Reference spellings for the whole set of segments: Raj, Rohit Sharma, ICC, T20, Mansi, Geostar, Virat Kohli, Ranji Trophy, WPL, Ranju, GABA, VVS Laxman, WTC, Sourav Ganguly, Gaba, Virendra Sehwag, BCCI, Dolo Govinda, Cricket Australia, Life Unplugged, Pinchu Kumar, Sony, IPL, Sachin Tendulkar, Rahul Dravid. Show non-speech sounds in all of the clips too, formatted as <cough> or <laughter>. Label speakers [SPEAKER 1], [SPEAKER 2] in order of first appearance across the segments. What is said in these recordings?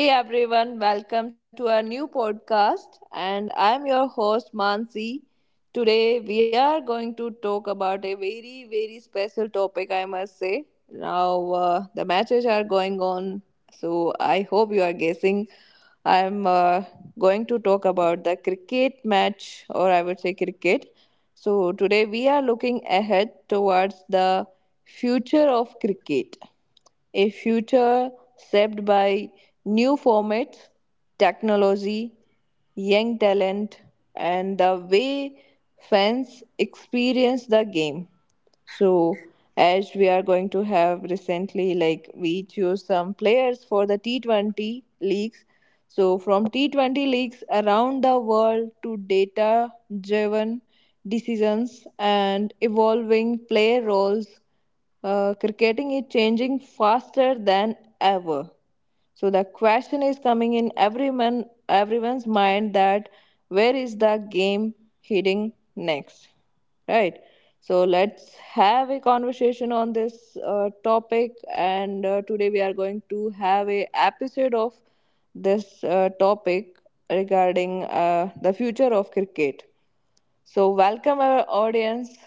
[SPEAKER 1] Hey everyone, welcome to our new podcast. And I'm your host Mansi. Today we are going to talk about a very, very special topic, I must say. Now the matches are going on, so I hope you are guessing. I'm going to talk about the cricket match, or I would say cricket. So, today we are looking ahead towards the future of cricket, a future shaped by new formats, technology, young talent, and the way fans experience the game. So, as we are going to have recently, like we choose some players for the T20 leagues, so, from T20 leagues around the world to data driven decisions and evolving player roles, cricketing is changing faster than ever. So the question is coming in everyone's mind that where is the game heading next, right? So let's have a conversation on this topic, and today we are going to have a episode of this topic regarding the future of cricket. So, welcome our audience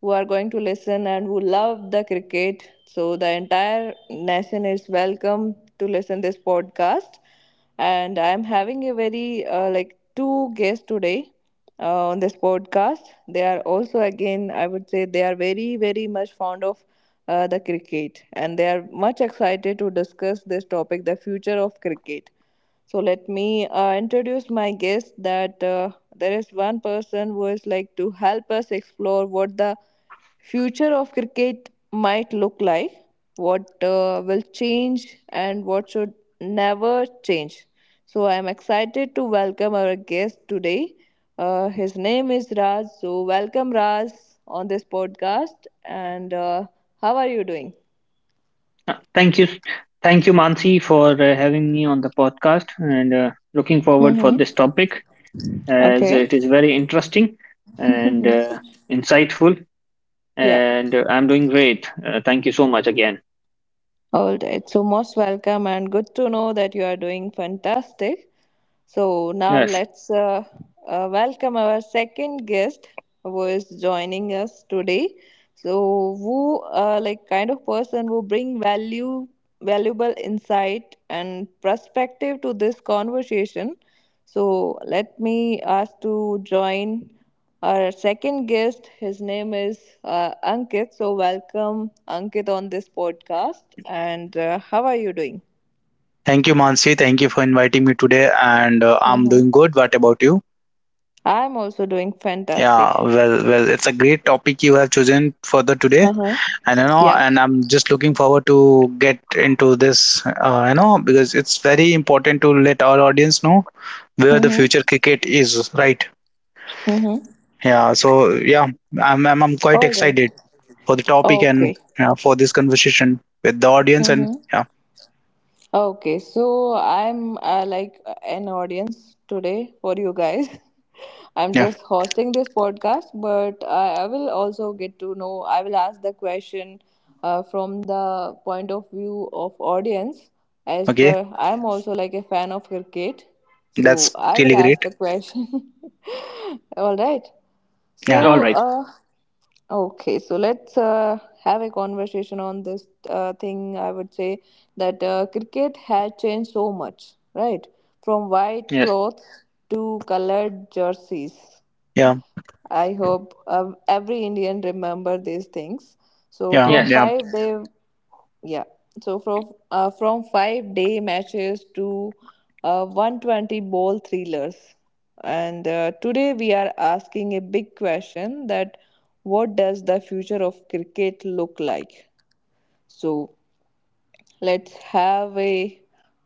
[SPEAKER 1] who are going to listen and who love the cricket. So, the entire nation is welcome to listen this podcast. And I'm having a very like two guests today on this podcast. They are also again, I would say, they are very very much fond of the cricket, and they are much excited to discuss this topic, the future of cricket. So let me introduce my guest that there is one person who is like to help us explore what the future of cricket might look like, what will change, and what should never change. So I am excited to welcome our guest today. His name is Raj. So welcome Raj on this podcast. And how are you doing?
[SPEAKER 2] Thank you, thank you, Mansi, for having me on the podcast, and looking forward for
[SPEAKER 1] Mm-hmm.
[SPEAKER 2] this topic as
[SPEAKER 1] Okay.
[SPEAKER 2] it is very interesting and
[SPEAKER 1] <laughs>
[SPEAKER 2] insightful.
[SPEAKER 1] Yeah.
[SPEAKER 2] And I'm doing great. Thank you so much again.
[SPEAKER 1] All right. So most welcome and good to know that you are doing fantastic. So now
[SPEAKER 2] Yes.
[SPEAKER 1] let's welcome our second guest who is joining us today. So who like kind of person who bring value, valuable insight and perspective to this conversation. So let me ask to join our second guest. His name is Ankit. So welcome Ankit on this podcast. And how are you doing?
[SPEAKER 3] Thank you, Mansi. Thank you for inviting me today. And I'm
[SPEAKER 1] Hmm.
[SPEAKER 3] doing good. What about you?
[SPEAKER 1] I'm also doing
[SPEAKER 3] Yeah,
[SPEAKER 1] fantastic.
[SPEAKER 3] well, well, it's a great topic you have chosen for the today,
[SPEAKER 1] Uh huh.
[SPEAKER 3] and you know,
[SPEAKER 1] Yeah.
[SPEAKER 3] and I'm just looking forward to get into this, you know, because it's very important to let our audience know where the future
[SPEAKER 1] Mm-hmm.
[SPEAKER 3] cricket is, right?
[SPEAKER 1] Mm-hmm.
[SPEAKER 3] Yeah, so yeah, I'm quite
[SPEAKER 1] All right.
[SPEAKER 3] excited for the topic and
[SPEAKER 1] Okay.
[SPEAKER 3] yeah, for this conversation with the audience, and
[SPEAKER 1] Mm-hmm.
[SPEAKER 3] yeah,
[SPEAKER 1] Okay. So I'm like an audience today for you guys. <laughs> I'm
[SPEAKER 3] yeah,
[SPEAKER 1] just hosting this podcast, but I will also get to know. I will ask the question from the point of view of audience. As
[SPEAKER 3] okay,
[SPEAKER 1] per, I'm also like a fan of cricket, so
[SPEAKER 3] that's
[SPEAKER 1] I will
[SPEAKER 3] really
[SPEAKER 1] ask
[SPEAKER 3] great.
[SPEAKER 1] the question. <laughs> All right.
[SPEAKER 3] Yeah,
[SPEAKER 2] All
[SPEAKER 1] So,
[SPEAKER 2] right.
[SPEAKER 1] okay, so let's have a conversation on this thing. I would say that cricket has changed so much, right? From white
[SPEAKER 2] Yes.
[SPEAKER 1] clothes to colored jerseys.
[SPEAKER 3] yeah,
[SPEAKER 1] I hope every Indian remember these things. So,
[SPEAKER 3] yeah,
[SPEAKER 1] from
[SPEAKER 2] Yes.
[SPEAKER 3] yeah.
[SPEAKER 1] five, they Yeah. So from 5 day matches to 120 ball thrillers. And today we are asking a big question that what does the future of cricket look like? So let's have a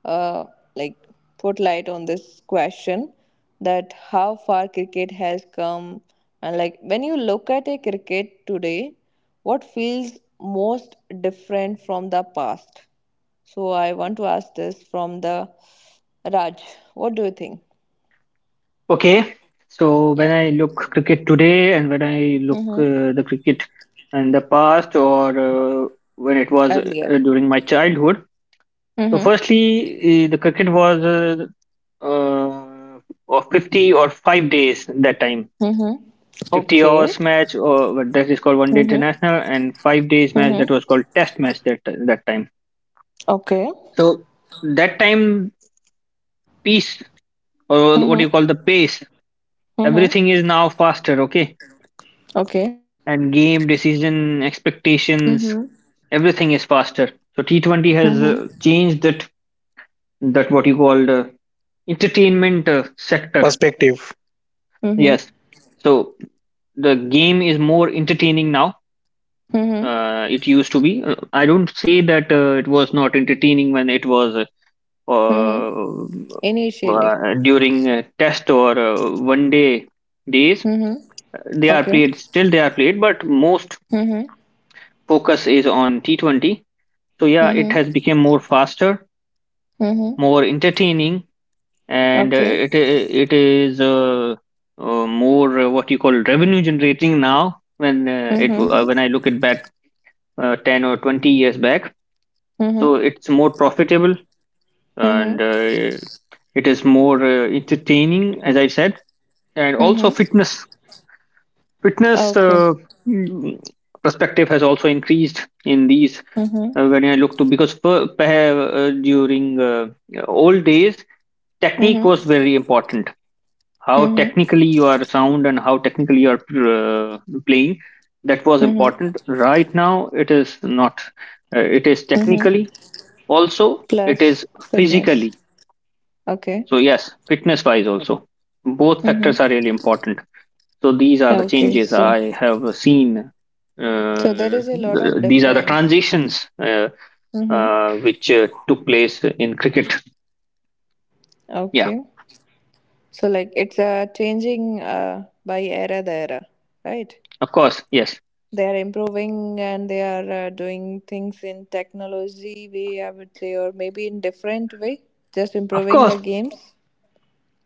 [SPEAKER 1] uh, like put light on this question that how far cricket has come and like when you look at a cricket today, what feels most different from the past. So I want to ask this from the Raj. What do you think?
[SPEAKER 2] Okay. So when
[SPEAKER 1] Yeah.
[SPEAKER 2] I look cricket today, and when I look
[SPEAKER 1] Mm-hmm.
[SPEAKER 2] the cricket in the past, or when it was
[SPEAKER 1] Earlier.
[SPEAKER 2] during my childhood. So,
[SPEAKER 1] Mm-hmm.
[SPEAKER 2] firstly, the cricket was uh, of 50 or 5 days that time.
[SPEAKER 1] Mm-hmm.
[SPEAKER 2] 50
[SPEAKER 1] Okay.
[SPEAKER 2] hours match, or what that is called one day
[SPEAKER 1] Mm-hmm.
[SPEAKER 2] international, and 5 days match that
[SPEAKER 1] Mm-hmm.
[SPEAKER 2] was called test match that time.
[SPEAKER 1] Okay.
[SPEAKER 2] So, that time, peace, or what
[SPEAKER 1] Mm-hmm.
[SPEAKER 2] you call the pace,
[SPEAKER 1] Mm-hmm.
[SPEAKER 2] everything is now faster, okay?
[SPEAKER 1] Okay.
[SPEAKER 2] And game, decision, expectations,
[SPEAKER 1] Mm-hmm.
[SPEAKER 2] everything is faster. So, T20 has
[SPEAKER 1] Mm-hmm.
[SPEAKER 2] changed that, what you call the entertainment sector.
[SPEAKER 3] Perspective.
[SPEAKER 1] Mm-hmm.
[SPEAKER 2] Yes. So the game is more entertaining now.
[SPEAKER 1] Mm-hmm.
[SPEAKER 2] It used to be. I don't say that it was not entertaining when it was
[SPEAKER 1] Mm-hmm. Initially.
[SPEAKER 2] during test or one day days.
[SPEAKER 1] Mm-hmm.
[SPEAKER 2] They are
[SPEAKER 1] Okay.
[SPEAKER 2] played still. They are played, but most
[SPEAKER 1] Mm-hmm.
[SPEAKER 2] focus is on T20. So yeah, it
[SPEAKER 1] Mm-hmm.
[SPEAKER 2] has become more faster,
[SPEAKER 1] Mm-hmm.
[SPEAKER 2] more entertaining, and
[SPEAKER 1] Okay.
[SPEAKER 2] it is more what you call revenue generating now. When uh, it uh,
[SPEAKER 1] Mm-hmm.
[SPEAKER 2] when I look it back 10 or 20 years back. So
[SPEAKER 1] Mm-hmm.
[SPEAKER 2] it's more profitable and
[SPEAKER 1] Mm-hmm.
[SPEAKER 2] it is more entertaining, as I said. And
[SPEAKER 1] Mm-hmm.
[SPEAKER 2] also fitness, fitness
[SPEAKER 1] Okay.
[SPEAKER 2] uh, mm, perspective has also increased in these
[SPEAKER 1] Mm-hmm.
[SPEAKER 2] when I look to, because during old days technique
[SPEAKER 1] Mm-hmm.
[SPEAKER 2] was very important. How
[SPEAKER 1] Mm-hmm.
[SPEAKER 2] technically you are sound and how technically you are playing, that was
[SPEAKER 1] Mm-hmm.
[SPEAKER 2] important. Right now it is not. It is
[SPEAKER 1] Mm-hmm.
[SPEAKER 2] technically. Also, it is
[SPEAKER 1] Plus fitness.
[SPEAKER 2] physically.
[SPEAKER 1] Okay.
[SPEAKER 2] So yes, fitness wise also. Both factors are
[SPEAKER 1] Mm-hmm.
[SPEAKER 2] really important. So these are the
[SPEAKER 1] Okay.
[SPEAKER 2] changes
[SPEAKER 1] So,
[SPEAKER 2] I have seen.
[SPEAKER 1] so there
[SPEAKER 2] Uh,
[SPEAKER 1] is a lot
[SPEAKER 2] th-
[SPEAKER 1] of
[SPEAKER 2] these are the
[SPEAKER 1] difference.
[SPEAKER 2] transitions
[SPEAKER 1] Mm-hmm.
[SPEAKER 2] which took place in cricket. Yeah,
[SPEAKER 1] Okay. So like it's changing by era the era, right?
[SPEAKER 2] of course. Yes,
[SPEAKER 1] They are improving and they are doing things in technology way, I would say, or maybe in different way, just
[SPEAKER 2] of
[SPEAKER 1] improving
[SPEAKER 2] course.
[SPEAKER 1] the games.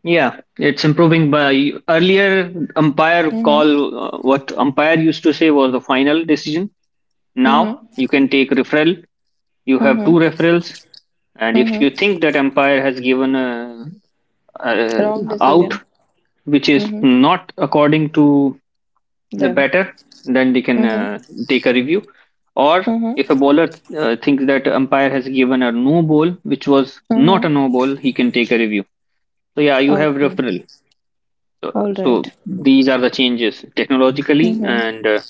[SPEAKER 2] Yeah, it's improving by earlier umpire
[SPEAKER 1] Mm-hmm.
[SPEAKER 2] call. What umpire used to say was the final decision. Now you
[SPEAKER 1] Mm-hmm.
[SPEAKER 2] can take referral. You have two
[SPEAKER 1] Mm-hmm.
[SPEAKER 2] referrals. And if you
[SPEAKER 1] Mm-hmm.
[SPEAKER 2] think that empire has given a
[SPEAKER 1] Wrong
[SPEAKER 2] out
[SPEAKER 1] decision.
[SPEAKER 2] which is
[SPEAKER 1] Mm-hmm.
[SPEAKER 2] not according to the
[SPEAKER 1] Them.
[SPEAKER 2] batter, then they can
[SPEAKER 1] Mm-hmm.
[SPEAKER 2] take a review. Or if a
[SPEAKER 1] Mm-hmm.
[SPEAKER 2] bowler thinks that umpire has given a no ball which was not a no
[SPEAKER 1] Mm-hmm.
[SPEAKER 2] ball, he can take a review. So yeah, you have
[SPEAKER 1] Okay.
[SPEAKER 2] referral. So,
[SPEAKER 1] All
[SPEAKER 2] so
[SPEAKER 1] right.
[SPEAKER 2] these are the changes technologically
[SPEAKER 1] Mm-hmm.
[SPEAKER 2] and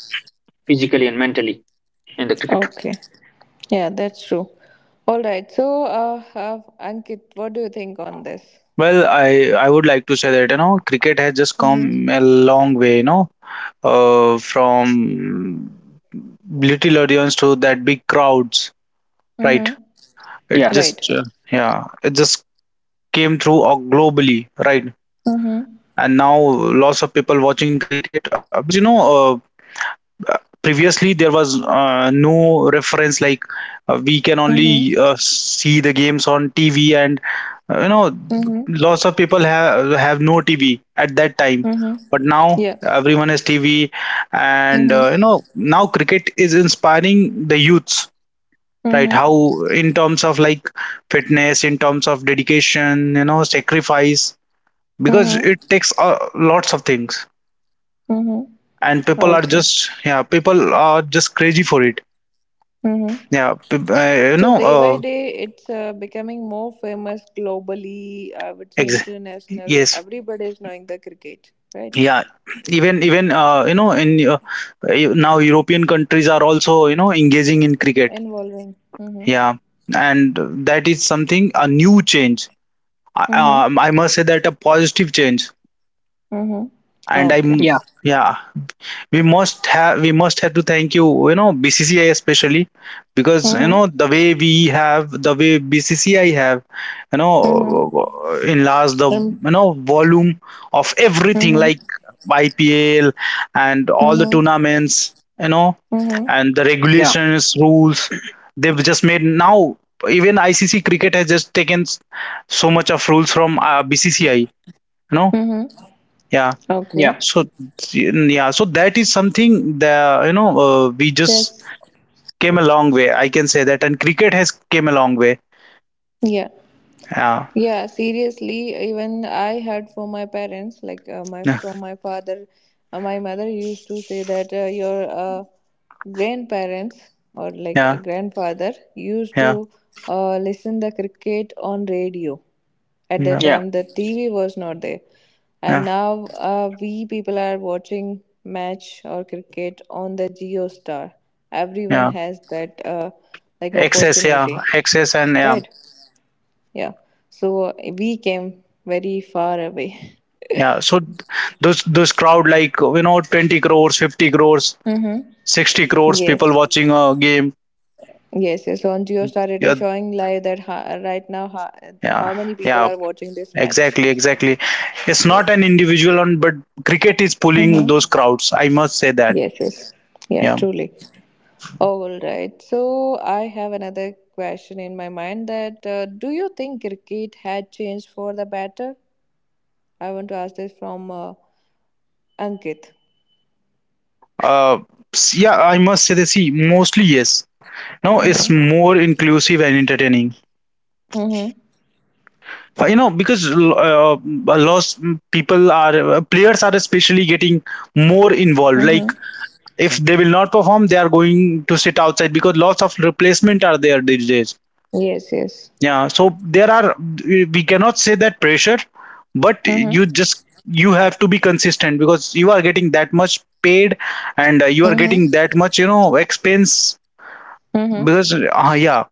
[SPEAKER 2] physically and mentally in the cricket.
[SPEAKER 1] Okay. Yeah, that's true. All right. So Ankit, what do you think on this?
[SPEAKER 3] Well, I would like to say that you know cricket has just
[SPEAKER 1] Mm-hmm.
[SPEAKER 3] come a long way, you know, from little audience to that big crowds, right?
[SPEAKER 1] Mm-hmm.
[SPEAKER 3] It
[SPEAKER 2] Yeah,
[SPEAKER 3] just
[SPEAKER 1] Right.
[SPEAKER 3] uh, yeah, it just came through globally, right?
[SPEAKER 1] Mm-hmm.
[SPEAKER 3] And now lots of people watching cricket because you know, previously there was no reference like we can only
[SPEAKER 1] Mm-hmm.
[SPEAKER 3] see the games on TV and you know
[SPEAKER 1] Mm-hmm.
[SPEAKER 3] lots of people have no TV at that time,
[SPEAKER 1] Mm-hmm.
[SPEAKER 3] but now
[SPEAKER 1] Yeah.
[SPEAKER 3] everyone has TV. And you
[SPEAKER 1] Mm-hmm.
[SPEAKER 3] know, now cricket is inspiring the youths, right? How,
[SPEAKER 1] Mm-hmm.
[SPEAKER 3] in terms of like fitness, in terms of dedication, you know, sacrifice, because it
[SPEAKER 1] Mm-hmm.
[SPEAKER 3] takes lots of things,
[SPEAKER 1] Mm-hmm.
[SPEAKER 3] and people are
[SPEAKER 1] Okay.
[SPEAKER 3] just crazy for it.
[SPEAKER 1] Mm-hmm.
[SPEAKER 3] You
[SPEAKER 1] So
[SPEAKER 3] know
[SPEAKER 1] day by day, it's becoming more famous globally. I would say
[SPEAKER 3] ex-
[SPEAKER 1] international.
[SPEAKER 3] yes,
[SPEAKER 1] Everybody is knowing the cricket, right?
[SPEAKER 3] yeah, even even you know in uh, now European countries are also you know engaging in cricket,
[SPEAKER 1] Involving. Mm-hmm.
[SPEAKER 3] yeah and that is something a new change, I-
[SPEAKER 1] Mm-hmm.
[SPEAKER 3] um, i must say, that a positive change.
[SPEAKER 1] Mm-hmm.
[SPEAKER 3] and
[SPEAKER 1] Okay.
[SPEAKER 3] i'm
[SPEAKER 2] yeah,
[SPEAKER 3] yeah we must have we must have to thank you, you know, BCCI especially, because you
[SPEAKER 1] Mm-hmm.
[SPEAKER 3] know the way BCCI have, you know,
[SPEAKER 1] Mm-hmm.
[SPEAKER 3] enlarged the,
[SPEAKER 1] Um,
[SPEAKER 3] you know, volume of everything,
[SPEAKER 1] Mm-hmm.
[SPEAKER 3] like IPL and all the
[SPEAKER 1] Mm-hmm.
[SPEAKER 3] tournaments, you know,
[SPEAKER 1] Mm-hmm.
[SPEAKER 3] and the
[SPEAKER 2] yeah,
[SPEAKER 3] regulations, rules they've just made now. Even ICC cricket has just taken so much of rules from BCCI, you know.
[SPEAKER 1] Mm-hmm.
[SPEAKER 3] Yeah
[SPEAKER 1] Okay.
[SPEAKER 2] yeah,
[SPEAKER 3] so yeah, so that is something that, you know, we just
[SPEAKER 1] Yes.
[SPEAKER 3] came a long way. I can say that, and cricket has came a long way.
[SPEAKER 1] Yeah.
[SPEAKER 3] Yeah,
[SPEAKER 1] Yeah, seriously, even I heard from my parents, like my
[SPEAKER 3] yeah,
[SPEAKER 1] from my father, my mother used to say that your grandparents or like a
[SPEAKER 3] yeah,
[SPEAKER 1] grandfather used
[SPEAKER 3] yeah,
[SPEAKER 1] to listen the cricket on radio. At
[SPEAKER 3] yeah,
[SPEAKER 1] that
[SPEAKER 2] yeah.
[SPEAKER 1] time, the TV was not there, and
[SPEAKER 3] yeah.
[SPEAKER 1] now we people are watching match or cricket on the Geo Star. Everyone
[SPEAKER 3] Yeah.
[SPEAKER 1] has that like
[SPEAKER 3] Access, yeah,
[SPEAKER 1] opportunity,
[SPEAKER 3] access, and yeah,
[SPEAKER 1] right? Yeah. So we came very far away.
[SPEAKER 3] yeah. So those crowd, like, you know, 20 crores, 50 crores,
[SPEAKER 1] Mm-hmm.
[SPEAKER 3] 60 crores people
[SPEAKER 1] Yes.
[SPEAKER 3] watching a game.
[SPEAKER 1] Yes, yes. On Geostar, it is
[SPEAKER 3] Yeah,
[SPEAKER 1] showing live that right now how
[SPEAKER 3] yeah,
[SPEAKER 1] many people
[SPEAKER 3] yeah.
[SPEAKER 1] are watching this match.
[SPEAKER 3] Exactly, exactly. It's not an
[SPEAKER 1] Yes.
[SPEAKER 3] individual, on but cricket is pulling
[SPEAKER 1] Mm-hmm.
[SPEAKER 3] those crowds. I must say that.
[SPEAKER 1] Yes, yes. Yeah,
[SPEAKER 3] Yeah.
[SPEAKER 1] truly. All right. So I have another question in my mind that do you think cricket had changed for the better? I want to ask this from Ankit.
[SPEAKER 3] Uh, yeah, I must say that, see, mostly yes. Now it's
[SPEAKER 1] Mm-hmm.
[SPEAKER 3] more inclusive and entertaining.
[SPEAKER 1] Mm-hmm.
[SPEAKER 3] You know, because a lot of people are players are especially getting more involved. Like
[SPEAKER 1] Mm-hmm.
[SPEAKER 3] if they will not perform, they are going to sit outside because lots of replacement are there these days.
[SPEAKER 1] Yes, yes.
[SPEAKER 3] Yeah, so there are, we cannot say that pressure, but you have to be consistent because you are getting that much paid, and you are getting
[SPEAKER 1] Mm-hmm.
[SPEAKER 3] that much, you know, expense,
[SPEAKER 1] Mm-hmm.
[SPEAKER 3] because uh, yeah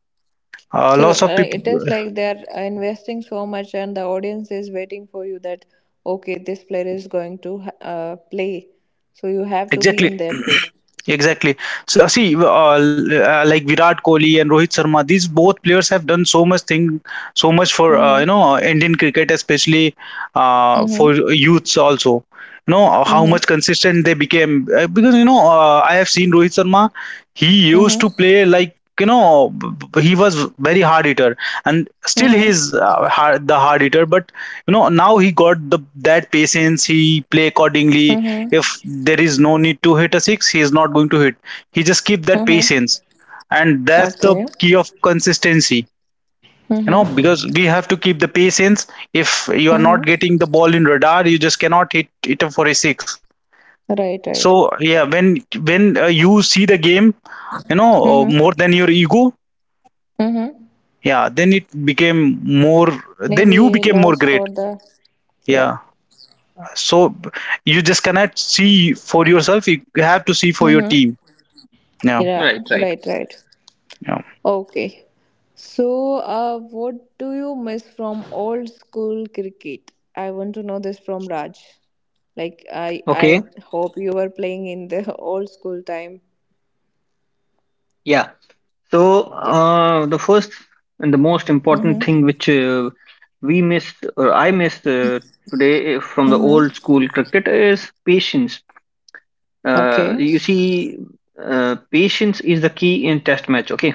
[SPEAKER 3] uh, lots
[SPEAKER 1] So
[SPEAKER 3] of people,
[SPEAKER 1] it is like they're investing so much, and the audience is waiting for you that okay, this player is going to play. So you have to be
[SPEAKER 3] exactly.
[SPEAKER 1] in that way.
[SPEAKER 3] <clears throat> Exactly. So see like Virat Kohli and Rohit Sharma, these both players have done so much thing, so much for, uh, you
[SPEAKER 1] Mm-hmm.
[SPEAKER 3] know uh, Indian cricket, especially for
[SPEAKER 1] Mm-hmm.
[SPEAKER 3] youths also, you know. How
[SPEAKER 1] Mm-hmm.
[SPEAKER 3] much consistent they became. Because you know I have seen Rohit Sharma, he used
[SPEAKER 1] Mm-hmm.
[SPEAKER 3] to play like, you know, he was very hard hitter, and still he's
[SPEAKER 1] Mm-hmm.
[SPEAKER 3] the hard hitter, but you know now he got the that patience, he play accordingly.
[SPEAKER 1] Mm-hmm.
[SPEAKER 3] If there is no need to hit a six, he is not going to hit, he just keep that
[SPEAKER 1] Mm-hmm.
[SPEAKER 3] patience, and that's the
[SPEAKER 1] Okay.
[SPEAKER 3] key of consistency, you know,
[SPEAKER 1] Mm-hmm.
[SPEAKER 3] because we have to keep the patience. If you are not
[SPEAKER 1] Mm-hmm.
[SPEAKER 3] getting the ball in radar, you just cannot hit it for a six.
[SPEAKER 1] Right.
[SPEAKER 3] So
[SPEAKER 1] Right.
[SPEAKER 3] yeah, when you see the game, you know, more
[SPEAKER 1] Mm-hmm.
[SPEAKER 3] than your ego,
[SPEAKER 1] Mm-hmm.
[SPEAKER 3] yeah then it became more then you
[SPEAKER 1] Maybe a
[SPEAKER 3] became more
[SPEAKER 1] loss for
[SPEAKER 3] great.
[SPEAKER 1] the. Yeah.
[SPEAKER 3] Yeah, so you just cannot see for yourself, you have to see for your team.
[SPEAKER 1] Mm-hmm.
[SPEAKER 3] Yeah.
[SPEAKER 1] Yeah.
[SPEAKER 2] Right, right.
[SPEAKER 1] Right. Right.
[SPEAKER 3] yeah
[SPEAKER 1] Okay. So, what do you miss from old school cricket? I want to know this from Raj. Like, I
[SPEAKER 2] Okay.
[SPEAKER 1] I hope you were playing in the <laughs> old school time.
[SPEAKER 2] Yeah. So,
[SPEAKER 1] Yeah.
[SPEAKER 2] the first and the most important
[SPEAKER 1] Mm-hmm.
[SPEAKER 2] thing which we miss, or I miss today from the old
[SPEAKER 1] Mm-hmm.
[SPEAKER 2] school cricket is patience.
[SPEAKER 1] Okay.
[SPEAKER 2] You see, patience is the key in test match, okay?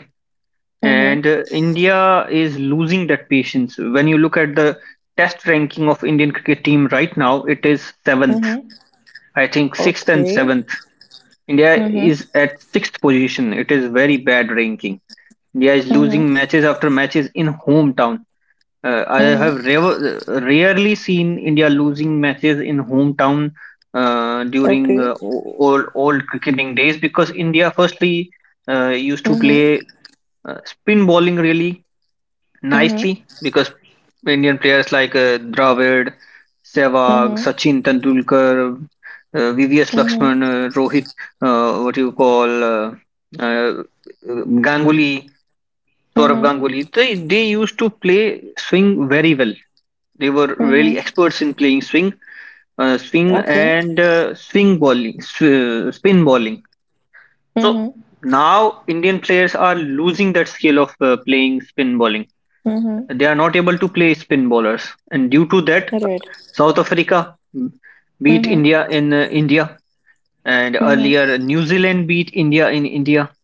[SPEAKER 1] Mm-hmm.
[SPEAKER 2] And India is losing that patience. When you look at the test ranking of Indian cricket team right now, it is seventh.
[SPEAKER 1] Mm-hmm.
[SPEAKER 2] I think sixth and
[SPEAKER 1] Okay.
[SPEAKER 2] seventh. India
[SPEAKER 1] Mm-hmm.
[SPEAKER 2] is at sixth position. It is very bad ranking. India is losing
[SPEAKER 1] Mm-hmm.
[SPEAKER 2] matches after matches in hometown. I
[SPEAKER 1] Mm-hmm.
[SPEAKER 2] have rarely seen India losing matches in hometown during
[SPEAKER 1] Okay.
[SPEAKER 2] old cricketing days, because India firstly used to play
[SPEAKER 1] Mm-hmm.
[SPEAKER 2] spin bowling really
[SPEAKER 1] Mm-hmm.
[SPEAKER 2] nicely, because Indian players like Dravid, Sehwag,
[SPEAKER 1] Mm-hmm.
[SPEAKER 2] Sachin Tendulkar, VVS Lakshman,
[SPEAKER 1] Mm-hmm.
[SPEAKER 2] Rohit, what you call uh, Ganguly Saurav
[SPEAKER 1] Mm-hmm.
[SPEAKER 2] Ganguly, they used to play swing very well. They were really
[SPEAKER 1] Mm-hmm.
[SPEAKER 2] experts in playing swing, swing
[SPEAKER 1] Okay.
[SPEAKER 2] and swing bowling, spin bowling. So
[SPEAKER 1] Mm-hmm.
[SPEAKER 2] now Indian players are losing that skill of playing spin bowling.
[SPEAKER 1] Mm-hmm.
[SPEAKER 2] They are not able to play spin bowlers, and due to that,
[SPEAKER 1] Right.
[SPEAKER 2] South Africa beat India
[SPEAKER 1] Mm-hmm.
[SPEAKER 2] in India, and earlier
[SPEAKER 1] Mm-hmm.
[SPEAKER 2] New Zealand beat India in India.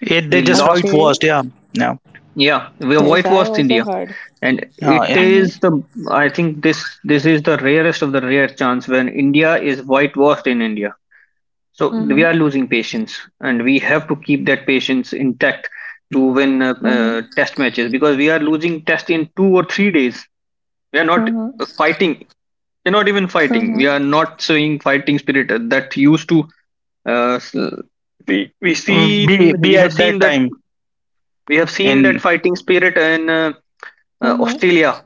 [SPEAKER 3] it they
[SPEAKER 2] We
[SPEAKER 3] just how it
[SPEAKER 2] lost,
[SPEAKER 3] was
[SPEAKER 1] Okay.
[SPEAKER 3] yeah yeah
[SPEAKER 2] yeah, we
[SPEAKER 1] Yes, I
[SPEAKER 2] whitewashed
[SPEAKER 1] also
[SPEAKER 2] India.
[SPEAKER 1] heard.
[SPEAKER 2] And
[SPEAKER 3] yeah,
[SPEAKER 2] it
[SPEAKER 3] yeah.
[SPEAKER 1] Mm-hmm.
[SPEAKER 2] is the I think this is the rarest of the rare chance when India is whitewashed in India. So we
[SPEAKER 1] Mm-hmm.
[SPEAKER 2] are losing patience, and we have to keep that patience intact to win
[SPEAKER 1] Mm-hmm.
[SPEAKER 2] test matches, because we are losing test in 2 or 3 days. We are not
[SPEAKER 1] Mm-hmm.
[SPEAKER 2] fighting. We're not even fighting. We
[SPEAKER 1] Mm-hmm.
[SPEAKER 2] are not showing fighting spirit that used to. Uh, s- we we
[SPEAKER 3] Mm,
[SPEAKER 2] seen
[SPEAKER 3] be
[SPEAKER 2] we have
[SPEAKER 3] at that
[SPEAKER 2] seen that
[SPEAKER 3] time
[SPEAKER 2] we have seen
[SPEAKER 3] in
[SPEAKER 2] that fighting spirit in
[SPEAKER 1] Mm-hmm.
[SPEAKER 2] Australia.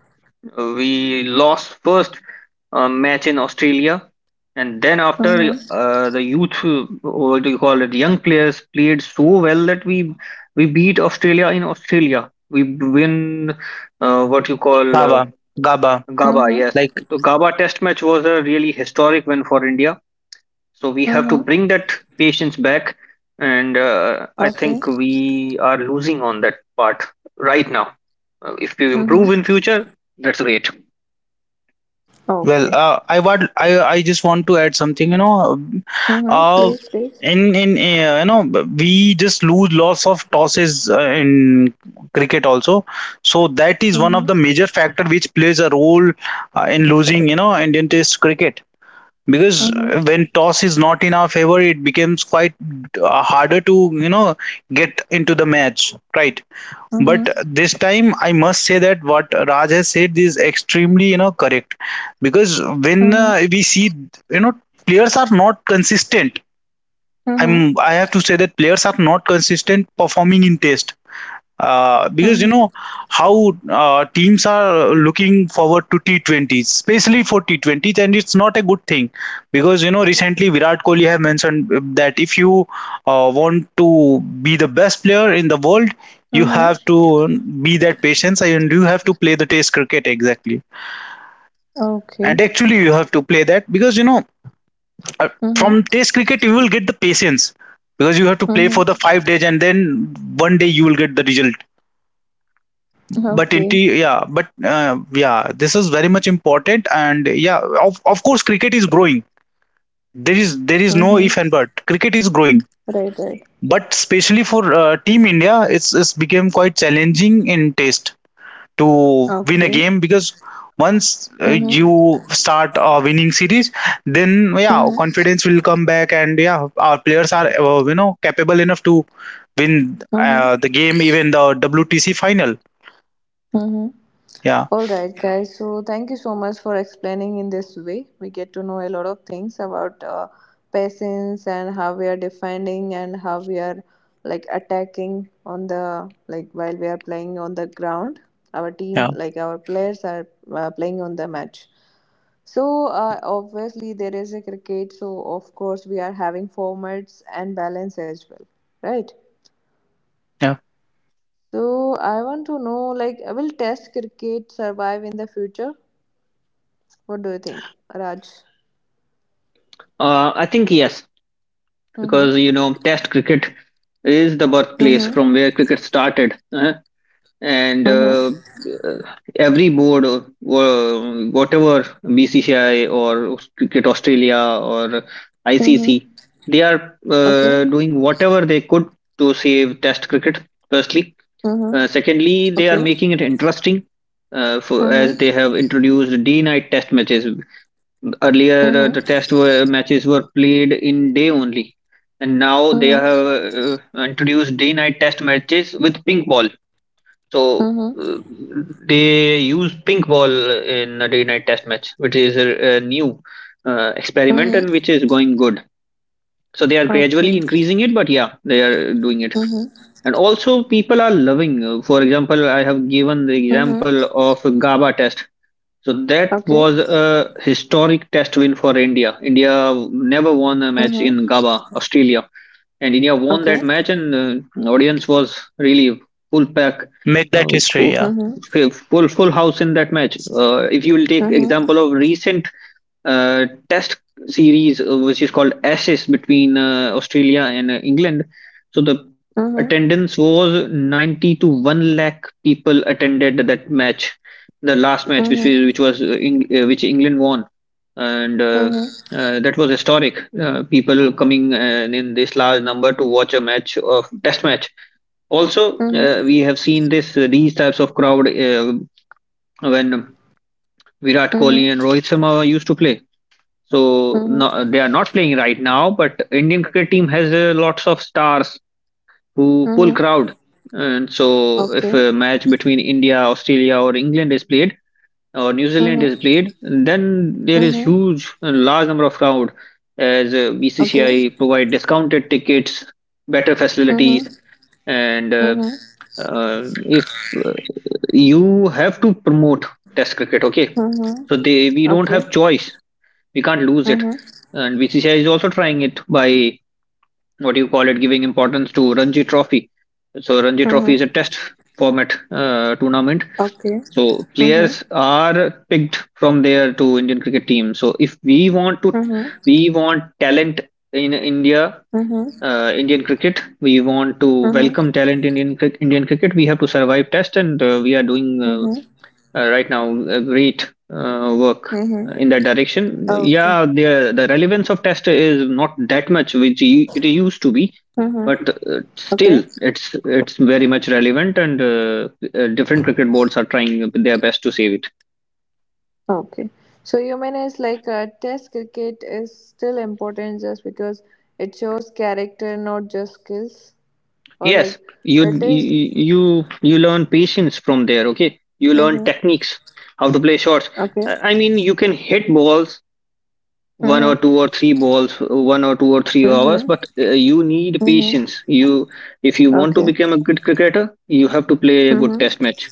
[SPEAKER 2] We lost first match in Australia, and then after
[SPEAKER 1] Mm-hmm.
[SPEAKER 2] the youth, what do you call it, young players played so well that we beat Australia in Australia. We win what you call
[SPEAKER 3] GABA. gaba
[SPEAKER 2] GABA. Yes,
[SPEAKER 1] Mm-hmm.
[SPEAKER 3] like
[SPEAKER 2] the GABA Test match was a really historic win for India. So we have to bring
[SPEAKER 1] Mm-hmm.
[SPEAKER 2] that patience back, and I
[SPEAKER 1] Okay.
[SPEAKER 2] think we are losing on that part right now. If we improve in
[SPEAKER 1] Mm-hmm.
[SPEAKER 2] future, that's great.
[SPEAKER 3] Well,
[SPEAKER 1] Okay.
[SPEAKER 3] I just want to add something. You know,
[SPEAKER 1] Mm-hmm.
[SPEAKER 3] uh,
[SPEAKER 1] Please, please.
[SPEAKER 3] in you know, we just lose lots of tosses in cricket also. So that is one of the
[SPEAKER 1] Mm-hmm.
[SPEAKER 3] major factor which plays a role in losing, you know, Indian Test cricket, because
[SPEAKER 1] Mm-hmm.
[SPEAKER 3] when toss is not in our favor, it becomes quite harder to, you know, get into the match, right? But
[SPEAKER 1] Mm-hmm.
[SPEAKER 3] this time, I must say that what Raj has said is extremely, you know, correct, because when
[SPEAKER 1] Mm-hmm.
[SPEAKER 3] we see, you know, players are not consistent i'm
[SPEAKER 1] Mm-hmm.
[SPEAKER 3] i have to say that players are not consistent performing in test, because you know
[SPEAKER 1] Mm-hmm.
[SPEAKER 3] how teams are looking forward to T20s, especially for T20s, and it's not a good thing, because you know recently Virat Kohli have mentioned that if you want to be the best player in the world, you
[SPEAKER 1] Mm-hmm.
[SPEAKER 3] have to be that patience and you have to play the Test cricket, exactly.
[SPEAKER 1] Okay.
[SPEAKER 3] And actually, you have to play that because, you know, uh,
[SPEAKER 1] Mm-hmm.
[SPEAKER 3] from Test cricket you will get the patience, because you have to play for the
[SPEAKER 1] Mm-hmm.
[SPEAKER 3] 5 days, and then one day you will get the result. But into
[SPEAKER 1] Okay.
[SPEAKER 3] yeah but Yeah, this is very much important. And yeah, of course cricket is growing. There is no
[SPEAKER 1] Mm-hmm.
[SPEAKER 3] if and but, cricket is growing,
[SPEAKER 1] Right, right.
[SPEAKER 3] but especially for team India, it's become quite challenging in test to win a
[SPEAKER 1] Okay.
[SPEAKER 3] game, because once
[SPEAKER 1] Mm-hmm.
[SPEAKER 3] you start a winning series, then yeah,
[SPEAKER 1] Mm-hmm.
[SPEAKER 3] confidence will come back, and yeah, our players are, you know, capable enough to win the
[SPEAKER 1] Mm-hmm.
[SPEAKER 3] game, even the WTC final.
[SPEAKER 1] Mm-hmm.
[SPEAKER 3] Yeah.
[SPEAKER 1] All right, guys. So thank you so much for explaining in this way. We get to know a lot of things about patience and how we are defining and how we are like attacking on the like while we are playing on the ground. Our
[SPEAKER 3] Yeah,
[SPEAKER 1] team, like our players, are playing on the match. So obviously there is a cricket. So of course we are having formats and balance as well, right?
[SPEAKER 3] yeah,
[SPEAKER 1] So I want to know, like, will Test cricket survive in the future? What do you think, Raj?
[SPEAKER 2] I think yes,
[SPEAKER 1] Mm-hmm.
[SPEAKER 2] because Test cricket is the birthplace from
[SPEAKER 1] Mm-hmm.
[SPEAKER 2] where cricket started, and
[SPEAKER 1] Mm-hmm.
[SPEAKER 2] uh, every board, or whatever BCCI or Cricket Australia or ICC,
[SPEAKER 1] Mm-hmm.
[SPEAKER 2] they are
[SPEAKER 1] Okay.
[SPEAKER 2] doing whatever they could to save Test cricket. Firstly,
[SPEAKER 1] Mm-hmm.
[SPEAKER 2] secondly, they are
[SPEAKER 1] Okay.
[SPEAKER 2] making it interesting. As they
[SPEAKER 1] Mm-hmm.
[SPEAKER 2] have introduced day-night test matches. Earlier,
[SPEAKER 1] Mm-hmm.
[SPEAKER 2] matches were played in day only, and now they
[SPEAKER 1] Mm-hmm.
[SPEAKER 2] have introduced day-night test matches with pink ball. So uh,
[SPEAKER 1] Mm-hmm.
[SPEAKER 2] they use pink ball in a day-night test match, which is a new experiment, and
[SPEAKER 1] Mm-hmm.
[SPEAKER 2] which is going good. So they are gradually
[SPEAKER 1] Okay.
[SPEAKER 2] increasing it, but yeah, they are doing it.
[SPEAKER 1] Mm-hmm.
[SPEAKER 2] And also, people are loving. For example, I have given the
[SPEAKER 1] Mm-hmm.
[SPEAKER 2] example of GABA test, so that
[SPEAKER 1] Okay.
[SPEAKER 2] was a historic test win for India. India never won a match
[SPEAKER 1] Mm-hmm.
[SPEAKER 2] in GABA, Australia, and India won
[SPEAKER 1] Okay.
[SPEAKER 2] that match, and audience was really full pack,
[SPEAKER 3] make that
[SPEAKER 2] uh,
[SPEAKER 3] history. Yeah.
[SPEAKER 2] full
[SPEAKER 1] Mm-hmm.
[SPEAKER 2] full house in that match. If you will take example
[SPEAKER 1] Mm-hmm.
[SPEAKER 2] of recent test series which is called Ashes between Australia and England. So the
[SPEAKER 1] Mm-hmm. Mm-hmm.
[SPEAKER 2] attendance was 90 to 1 lakh people attended that match, the last match which was,
[SPEAKER 1] Mm-hmm.
[SPEAKER 2] which was uh, Eng- uh, which England won, and that was historic. People coming in this large number to watch a match of test match. Also,
[SPEAKER 1] Mm-hmm.
[SPEAKER 2] we have seen this these types of crowd when Virat Kohli and
[SPEAKER 1] Mm-hmm.
[SPEAKER 2] Rohit Sharma used to play. So, no,
[SPEAKER 1] Mm-hmm.
[SPEAKER 2] they are not playing right now, but Indian cricket team has lots of stars who pull
[SPEAKER 1] Mm-hmm.
[SPEAKER 2] crowd. And so if
[SPEAKER 1] Okay.
[SPEAKER 2] a match between India, Australia, or England is played, or New Zealand is
[SPEAKER 1] Mm-hmm.
[SPEAKER 2] played, then there is
[SPEAKER 1] Mm-hmm.
[SPEAKER 2] large number of crowd, as
[SPEAKER 1] Okay.
[SPEAKER 2] BCCI provide discounted tickets, better facilities,
[SPEAKER 1] Mm-hmm.
[SPEAKER 2] and
[SPEAKER 1] Mm-hmm.
[SPEAKER 2] if you have to promote Test cricket, okay?
[SPEAKER 1] Mm-hmm.
[SPEAKER 2] So they we don't
[SPEAKER 1] Okay.
[SPEAKER 2] have choice. We can't lose it.
[SPEAKER 1] Mm-hmm.
[SPEAKER 2] And BCCI is also trying it by, what do you call it, giving importance to Ranji Trophy. So Ranji Trophy is
[SPEAKER 1] Mm-hmm.
[SPEAKER 2] a test format tournament.
[SPEAKER 1] Okay.
[SPEAKER 2] So
[SPEAKER 1] Mm-hmm.
[SPEAKER 2] players are picked from there to Indian cricket team. So if we want to,
[SPEAKER 1] Mm-hmm.
[SPEAKER 2] we want talent in India,
[SPEAKER 1] Mm-hmm.
[SPEAKER 2] Indian cricket. We want to
[SPEAKER 1] Mm-hmm.
[SPEAKER 2] welcome talent in Indian cricket. We have to survive test, and we are doing
[SPEAKER 1] Mm-hmm.
[SPEAKER 2] right now great work
[SPEAKER 1] Mm-hmm.
[SPEAKER 2] in that direction.
[SPEAKER 1] Okay.
[SPEAKER 2] Yeah, the relevance of test is not that much which it used to be,
[SPEAKER 1] Mm-hmm.
[SPEAKER 2] but
[SPEAKER 1] Okay.
[SPEAKER 2] still it's very much relevant, and different cricket boards are trying their best to save it.
[SPEAKER 1] Okay. So you mean it's like test cricket is still important just because it shows character, not just skills, or
[SPEAKER 2] Yes,
[SPEAKER 1] like
[SPEAKER 2] you
[SPEAKER 1] it
[SPEAKER 2] you
[SPEAKER 1] is.
[SPEAKER 2] you you learn patience from there. Okay, you learn
[SPEAKER 1] Mm-hmm.
[SPEAKER 2] techniques, how to play shots.
[SPEAKER 1] Okay.
[SPEAKER 2] I mean, you can hit balls one or
[SPEAKER 1] Mm-hmm.
[SPEAKER 2] two or three balls, 1 or 2 or 3 hours,
[SPEAKER 1] Mm-hmm.
[SPEAKER 2] but you need
[SPEAKER 1] Mm-hmm.
[SPEAKER 2] patience. You If you want to
[SPEAKER 1] Okay.
[SPEAKER 2] become a good cricketer, you have to play a good
[SPEAKER 1] Mm-hmm.
[SPEAKER 2] test match,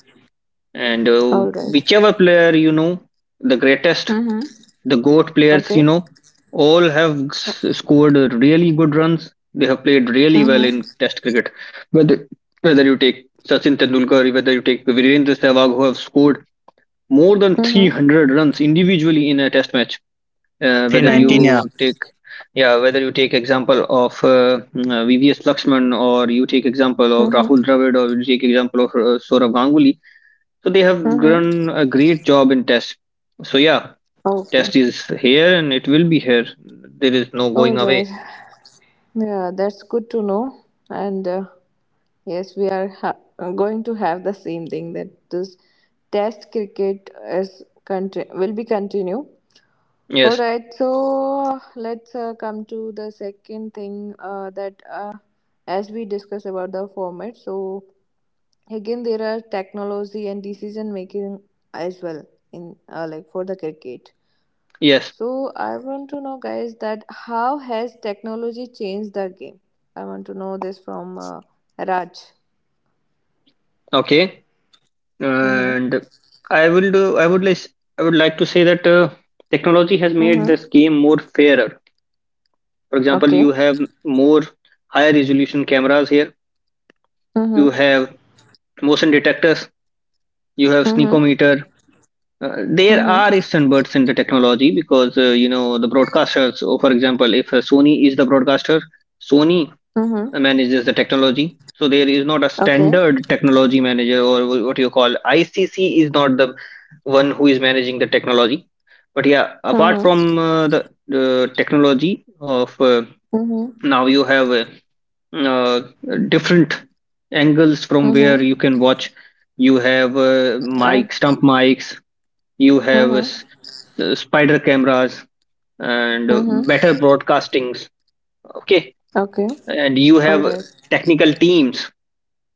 [SPEAKER 2] and
[SPEAKER 1] All right.
[SPEAKER 2] whichever player, the greatest,
[SPEAKER 1] Mm-hmm.
[SPEAKER 2] the GOAT players,
[SPEAKER 1] Okay.
[SPEAKER 2] all have scored really good runs. They have played really well
[SPEAKER 1] Mm-hmm.
[SPEAKER 2] in test cricket, whether you take Sachin Tendulkar, whether you take Virendra Sehwag, who have scored more than
[SPEAKER 1] Mm-hmm.
[SPEAKER 2] 300 runs individually in a test match, whether
[SPEAKER 3] 319, yeah.
[SPEAKER 2] you
[SPEAKER 1] Mm-hmm.
[SPEAKER 2] take, yeah, whether you take example of VVS Laxman, or you take example of Rahul
[SPEAKER 1] Mm-hmm.
[SPEAKER 2] Dravid, or you take example of Sourav Ganguly. So they have
[SPEAKER 1] Mm-hmm.
[SPEAKER 2] done a great job in test. So yeah,
[SPEAKER 1] Okay.
[SPEAKER 2] test is here and it will be here. There is no
[SPEAKER 1] All
[SPEAKER 2] going
[SPEAKER 1] right.
[SPEAKER 2] away.
[SPEAKER 1] Yeah, that's good to know. And yes, we are going to have the same thing that this test cricket is will be continue. All
[SPEAKER 2] Yes,
[SPEAKER 1] right, so let's come to the second thing that as we discuss about the format. So again, there are technology and decision making as well in like for the cricket.
[SPEAKER 2] yes.
[SPEAKER 1] So I want to know, guys, that how has technology changed the game? I want to know this from Raj.
[SPEAKER 2] Okay.
[SPEAKER 1] Mm-hmm.
[SPEAKER 2] And I will do I would like to say that technology has made
[SPEAKER 1] Mm-hmm.
[SPEAKER 2] this game more fairer. For example,
[SPEAKER 1] Okay.
[SPEAKER 2] you have more higher resolution cameras here. You
[SPEAKER 1] Mhm.
[SPEAKER 2] have motion detectors, you have
[SPEAKER 1] Mhm.
[SPEAKER 2] sneakometer. There
[SPEAKER 1] Mhm.
[SPEAKER 2] are standards in the technology, because you know the broadcasters. So for example, if Sony is the broadcaster, Sony
[SPEAKER 1] Mhm.
[SPEAKER 2] manages the technology. So there is not a
[SPEAKER 1] Okay.
[SPEAKER 2] standard technology manager, or what you call ICC is not the one who is managing the technology. But yeah, apart
[SPEAKER 1] Mhm.
[SPEAKER 2] from the technology of
[SPEAKER 1] Mhm.
[SPEAKER 2] now, you have uh, different angles from where
[SPEAKER 1] Mhm.
[SPEAKER 2] you can watch. You have
[SPEAKER 1] I.
[SPEAKER 2] mic, stump mics, you have
[SPEAKER 1] Mhm.
[SPEAKER 2] spider cameras, and
[SPEAKER 1] Mhm.
[SPEAKER 2] better broadcastings. Okay,
[SPEAKER 1] Okay.
[SPEAKER 2] and you
[SPEAKER 1] All
[SPEAKER 2] have
[SPEAKER 1] right.
[SPEAKER 2] technical teams.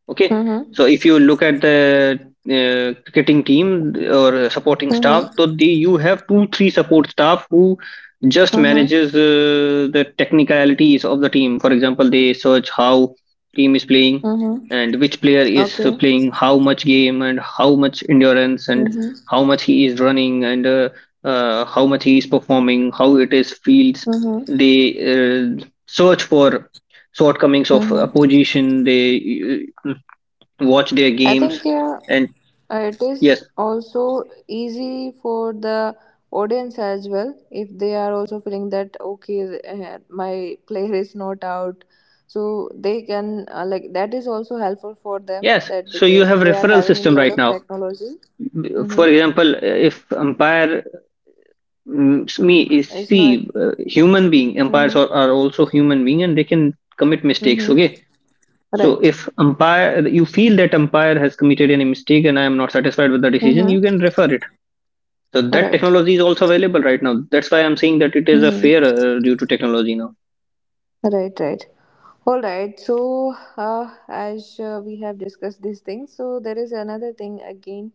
[SPEAKER 2] Okay,
[SPEAKER 1] Mhm.
[SPEAKER 2] so if you look at the cricketing team or supporting staff, so
[SPEAKER 1] Mhm.
[SPEAKER 2] they you have 2 3 support staff who just
[SPEAKER 1] Mhm.
[SPEAKER 2] manages the technicalities of the team. For example, they search how team is playing,
[SPEAKER 1] Mhm.
[SPEAKER 2] and which player is
[SPEAKER 1] Okay.
[SPEAKER 2] playing how much game, and how much endurance, and
[SPEAKER 1] Mhm.
[SPEAKER 2] how much he is running, and how much he is performing, how it is feels.
[SPEAKER 1] Mhm.
[SPEAKER 2] They search for shortcomings of
[SPEAKER 1] Mhm.
[SPEAKER 2] opposition. They uh, watch their
[SPEAKER 1] I
[SPEAKER 2] games
[SPEAKER 1] think yeah,
[SPEAKER 2] and
[SPEAKER 1] it is
[SPEAKER 2] yes
[SPEAKER 1] also easy for the audience as well if they are also feeling that okay, my player is not out, so they can like that is also helpful for them
[SPEAKER 2] yes,
[SPEAKER 1] that
[SPEAKER 2] so you have
[SPEAKER 1] because they are
[SPEAKER 2] referral
[SPEAKER 1] having a
[SPEAKER 2] system
[SPEAKER 1] lot
[SPEAKER 2] right
[SPEAKER 1] of
[SPEAKER 2] now.
[SPEAKER 1] technology. Mm-hmm.
[SPEAKER 2] For example, if umpire mm, s- me is
[SPEAKER 1] It's
[SPEAKER 2] see
[SPEAKER 1] not.
[SPEAKER 2] human being, umpires
[SPEAKER 1] Mm-hmm.
[SPEAKER 2] are also human being and they can commit mistakes,
[SPEAKER 1] Mm-hmm.
[SPEAKER 2] okay? So
[SPEAKER 1] Right.
[SPEAKER 2] if umpire, you feel that umpire has committed any mistake and I am not satisfied with the decision, you
[SPEAKER 1] Mm-hmm.
[SPEAKER 2] can refer it. So that
[SPEAKER 1] Right.
[SPEAKER 2] technology is also available right now. That's why I'm saying that it is a
[SPEAKER 1] Mm-hmm.
[SPEAKER 2] fair, due to technology now.
[SPEAKER 1] Right. Right. All right. So, as we have discussed these things, so there is another thing again,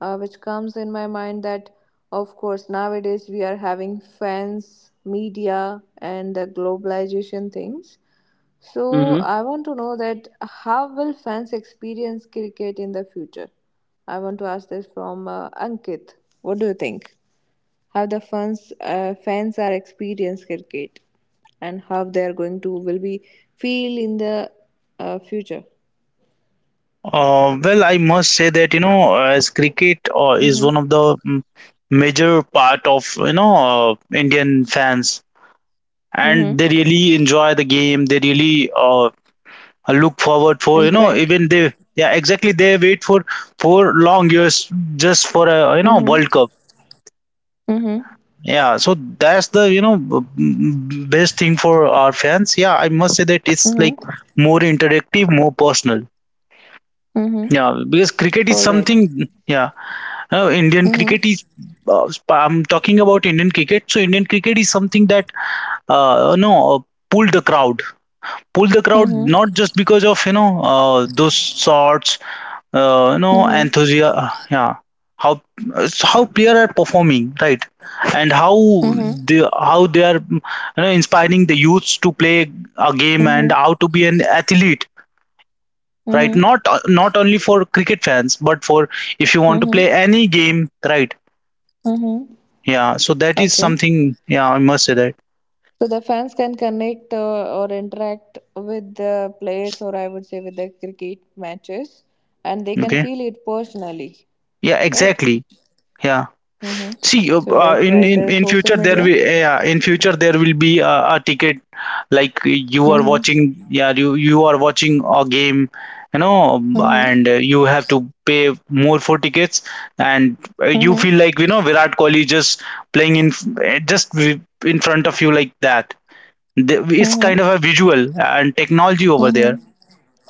[SPEAKER 1] which comes in my mind that, of course, nowadays we are having fans, media, and the globalization things. So,
[SPEAKER 2] Hmm.
[SPEAKER 1] I want to know that how will fans experience cricket in the future? I want to ask this from Ankit. What do you think? How the fans are experience cricket and how they are going to will be feel in the future.
[SPEAKER 3] Well, I must say that, you know, as cricket is one
[SPEAKER 1] Mm-hmm.
[SPEAKER 3] of the major part of, you know, Indian fans, and
[SPEAKER 1] Mm-hmm.
[SPEAKER 3] they really enjoy the game, they really, look forward for, you know,
[SPEAKER 1] Interact.
[SPEAKER 3] even they, yeah, exactly, they wait for long years just for a, you know,
[SPEAKER 1] Mm-hmm.
[SPEAKER 3] World Cup.
[SPEAKER 1] Mm-hmm.
[SPEAKER 3] Yeah, so that's the, you know, best thing for our fans. Yeah, I must say that it's
[SPEAKER 1] Mm-hmm.
[SPEAKER 3] like more interactive, more personal.
[SPEAKER 1] Mm-hmm.
[SPEAKER 3] Yeah, because cricket is
[SPEAKER 1] All right.
[SPEAKER 3] something. Yeah, Indian
[SPEAKER 1] Mm-hmm.
[SPEAKER 3] cricket is. I'm talking about Indian cricket. So Indian cricket is something that, no pull the crowd, pull the crowd, not
[SPEAKER 1] Mm-hmm.
[SPEAKER 3] just because of, you know, those shots, you know,
[SPEAKER 1] Mm-hmm.
[SPEAKER 3] enthusiasm. Yeah, how it's how player are performing, right? And how
[SPEAKER 1] Mm-hmm.
[SPEAKER 3] they are, you know, inspiring the youths to play a game and how
[SPEAKER 1] Mm-hmm.
[SPEAKER 3] to be an athlete, right?
[SPEAKER 1] Mm-hmm.
[SPEAKER 3] Not not only for cricket fans, but for if you want to
[SPEAKER 1] Mm-hmm.
[SPEAKER 3] play any game, right?
[SPEAKER 1] Mm-hmm.
[SPEAKER 3] Yeah, so that is
[SPEAKER 1] Okay.
[SPEAKER 3] something, yeah, I must say that.
[SPEAKER 1] So the fans can connect or interact with the players, or I would say with the cricket matches, and they can
[SPEAKER 3] Okay,
[SPEAKER 1] feel it personally.
[SPEAKER 3] yeah,
[SPEAKER 1] Right?
[SPEAKER 3] exactly, yeah.
[SPEAKER 1] Mm-hmm.
[SPEAKER 3] See, uh,
[SPEAKER 1] So
[SPEAKER 3] uh,
[SPEAKER 1] that's
[SPEAKER 3] in,
[SPEAKER 1] why
[SPEAKER 3] in
[SPEAKER 1] the
[SPEAKER 3] in future
[SPEAKER 1] social
[SPEAKER 3] there
[SPEAKER 1] media.
[SPEAKER 3] will, yeah, in future there will be a ticket, like you are
[SPEAKER 1] Mm-hmm.
[SPEAKER 3] watching, yeah, you are watching a game, you know,
[SPEAKER 1] Mm-hmm.
[SPEAKER 3] and you have to pay more for tickets, and you
[SPEAKER 1] Mm-hmm.
[SPEAKER 3] feel like, you know, Virat Kohli just playing in in front of you, like that. They, it's kind
[SPEAKER 1] Mm-hmm.
[SPEAKER 3] of a visual and technology over there.
[SPEAKER 1] Mm-hmm.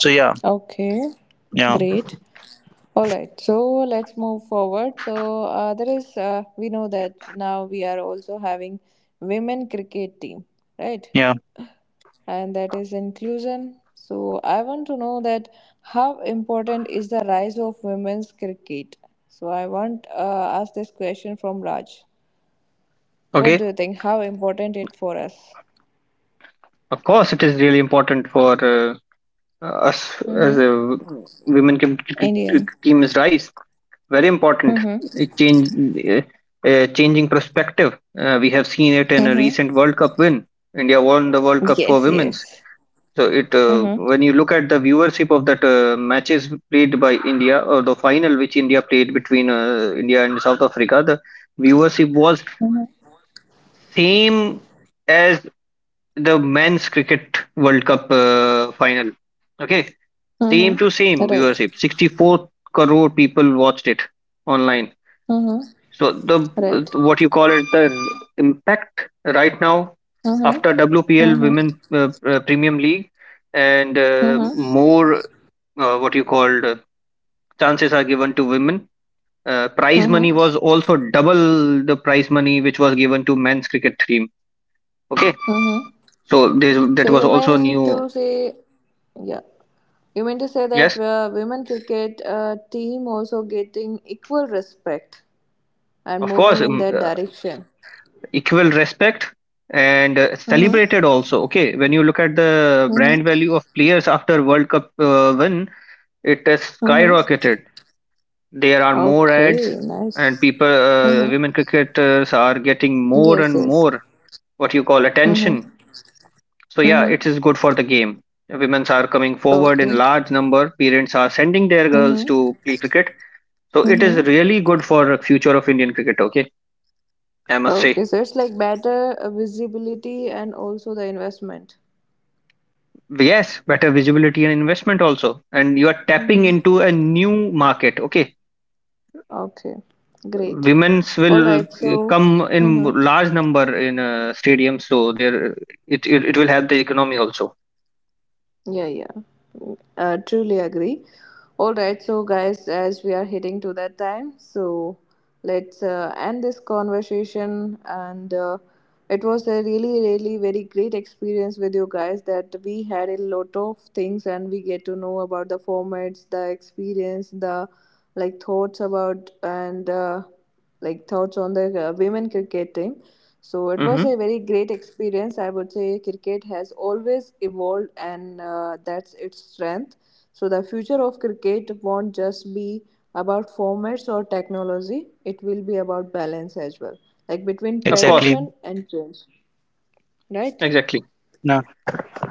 [SPEAKER 3] So yeah,
[SPEAKER 1] Okay,
[SPEAKER 3] yeah,
[SPEAKER 1] great. All right, so let's move forward. So there is, we know that now we are also having women cricket team, right?
[SPEAKER 3] yeah,
[SPEAKER 1] And that is inclusion. So I want to know that how important is the rise of women's cricket? So I want ask this question from Raj. What
[SPEAKER 2] Okay,
[SPEAKER 1] do you think? How important it for us?
[SPEAKER 2] of course, it is really important for us as
[SPEAKER 1] Mm-hmm.
[SPEAKER 2] a women cricket
[SPEAKER 1] Indian.
[SPEAKER 2] team is rise. Very important.
[SPEAKER 1] Mm-hmm.
[SPEAKER 2] It change uh, changing perspective. We have seen it in a recent
[SPEAKER 1] Mm-hmm.
[SPEAKER 2] World Cup win. India won the World Cup for
[SPEAKER 1] Yes,
[SPEAKER 2] women.
[SPEAKER 1] yes.
[SPEAKER 2] So it
[SPEAKER 1] Mm-hmm.
[SPEAKER 2] when you look at the viewership of that matches played by India, or the final which India played between India and South Africa, the viewership was
[SPEAKER 1] Mm-hmm.
[SPEAKER 2] same as the men's cricket World Cup final. Okay, same
[SPEAKER 1] Mm-hmm.
[SPEAKER 2] to same
[SPEAKER 1] Right.
[SPEAKER 2] viewership. 64 crore people watched it online.
[SPEAKER 1] Mm-hmm.
[SPEAKER 2] So the,
[SPEAKER 1] Right.
[SPEAKER 2] what you call it, the impact right now
[SPEAKER 1] Mm-hmm.
[SPEAKER 2] after WPL,
[SPEAKER 1] Mm-hmm.
[SPEAKER 2] Women Premium League, and
[SPEAKER 1] Mm-hmm.
[SPEAKER 2] more what you called chances are given to women. Prize money
[SPEAKER 1] Mm-hmm.
[SPEAKER 2] was also double the prize money which was given to men's cricket team. Okay,
[SPEAKER 1] Mm-hmm.
[SPEAKER 2] so this,
[SPEAKER 1] So
[SPEAKER 2] that was
[SPEAKER 1] you
[SPEAKER 2] also
[SPEAKER 1] mean
[SPEAKER 2] new.
[SPEAKER 1] to say, yeah. You mean to say that
[SPEAKER 2] Yes,
[SPEAKER 1] women cricket team also getting equal respect and
[SPEAKER 2] of course,
[SPEAKER 1] moving in that direction?
[SPEAKER 2] equal respect and
[SPEAKER 1] Mm-hmm.
[SPEAKER 2] celebrated also. Okay, when you look at the brand
[SPEAKER 1] Mm-hmm.
[SPEAKER 2] value of players after World Cup win, it has
[SPEAKER 1] Mm-hmm.
[SPEAKER 2] skyrocketed. There are more ads,
[SPEAKER 1] Okay,
[SPEAKER 2] and
[SPEAKER 1] nice.
[SPEAKER 2] people,
[SPEAKER 1] Mm-hmm.
[SPEAKER 2] women cricketers are getting more
[SPEAKER 1] Yes,
[SPEAKER 2] and
[SPEAKER 1] yes.
[SPEAKER 2] more, what you call, attention.
[SPEAKER 1] Mm-hmm.
[SPEAKER 2] So yeah,
[SPEAKER 1] Mm-hmm.
[SPEAKER 2] it is good for the game. Women's are coming forward
[SPEAKER 1] Okay.
[SPEAKER 2] in large number. Parents are sending their girls
[SPEAKER 1] Mm-hmm.
[SPEAKER 2] to play cricket. So it is
[SPEAKER 1] Mm-hmm.
[SPEAKER 2] really good for future of Indian cricket. Okay, I must
[SPEAKER 1] Okay,
[SPEAKER 2] say
[SPEAKER 1] so it's like better visibility and also the investment.
[SPEAKER 2] yes, better visibility and investment also, and you are
[SPEAKER 1] Mm-hmm.
[SPEAKER 2] tapping into a new market. Okay,
[SPEAKER 1] Okay, great.
[SPEAKER 2] women's
[SPEAKER 1] All
[SPEAKER 2] will
[SPEAKER 1] right, so.
[SPEAKER 2] come in
[SPEAKER 1] Mm-hmm.
[SPEAKER 2] large number in stadiums, so there it will help the economy also.
[SPEAKER 1] Yeah, yeah. Truly agree. All right, so guys, as we are heading to that time, so let's end this conversation. And it was a really, really very great experience with you guys that we had a lot of things and we get to know about the formats, the experience, the like thoughts about and. Like thoughts on the women cricket team. So it was a
[SPEAKER 2] Hmm.
[SPEAKER 1] very great experience. I would say cricket has always evolved, and that's its strength. So the future of cricket won't just be about formats or technology. It will be about balance as well, like between
[SPEAKER 2] Of course,
[SPEAKER 3] exactly.
[SPEAKER 1] tradition and change. Right?
[SPEAKER 2] exactly.
[SPEAKER 3] No,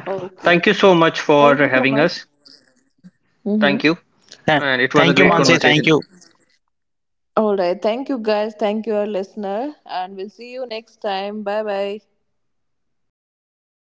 [SPEAKER 1] Okay.
[SPEAKER 2] Thank you so much for
[SPEAKER 1] Thank you so
[SPEAKER 2] having
[SPEAKER 1] much.
[SPEAKER 2] us.
[SPEAKER 1] Mm-hmm.
[SPEAKER 2] Thank you,
[SPEAKER 3] tha-
[SPEAKER 2] and it was a
[SPEAKER 3] thank you,
[SPEAKER 2] great
[SPEAKER 1] All
[SPEAKER 3] Mansi.
[SPEAKER 1] right.
[SPEAKER 3] Thank
[SPEAKER 2] conversation.
[SPEAKER 3] you.
[SPEAKER 1] All right. Thank you guys. Thank you, our listener. And we'll see you next time. Bye bye.
[SPEAKER 2] Bye bye.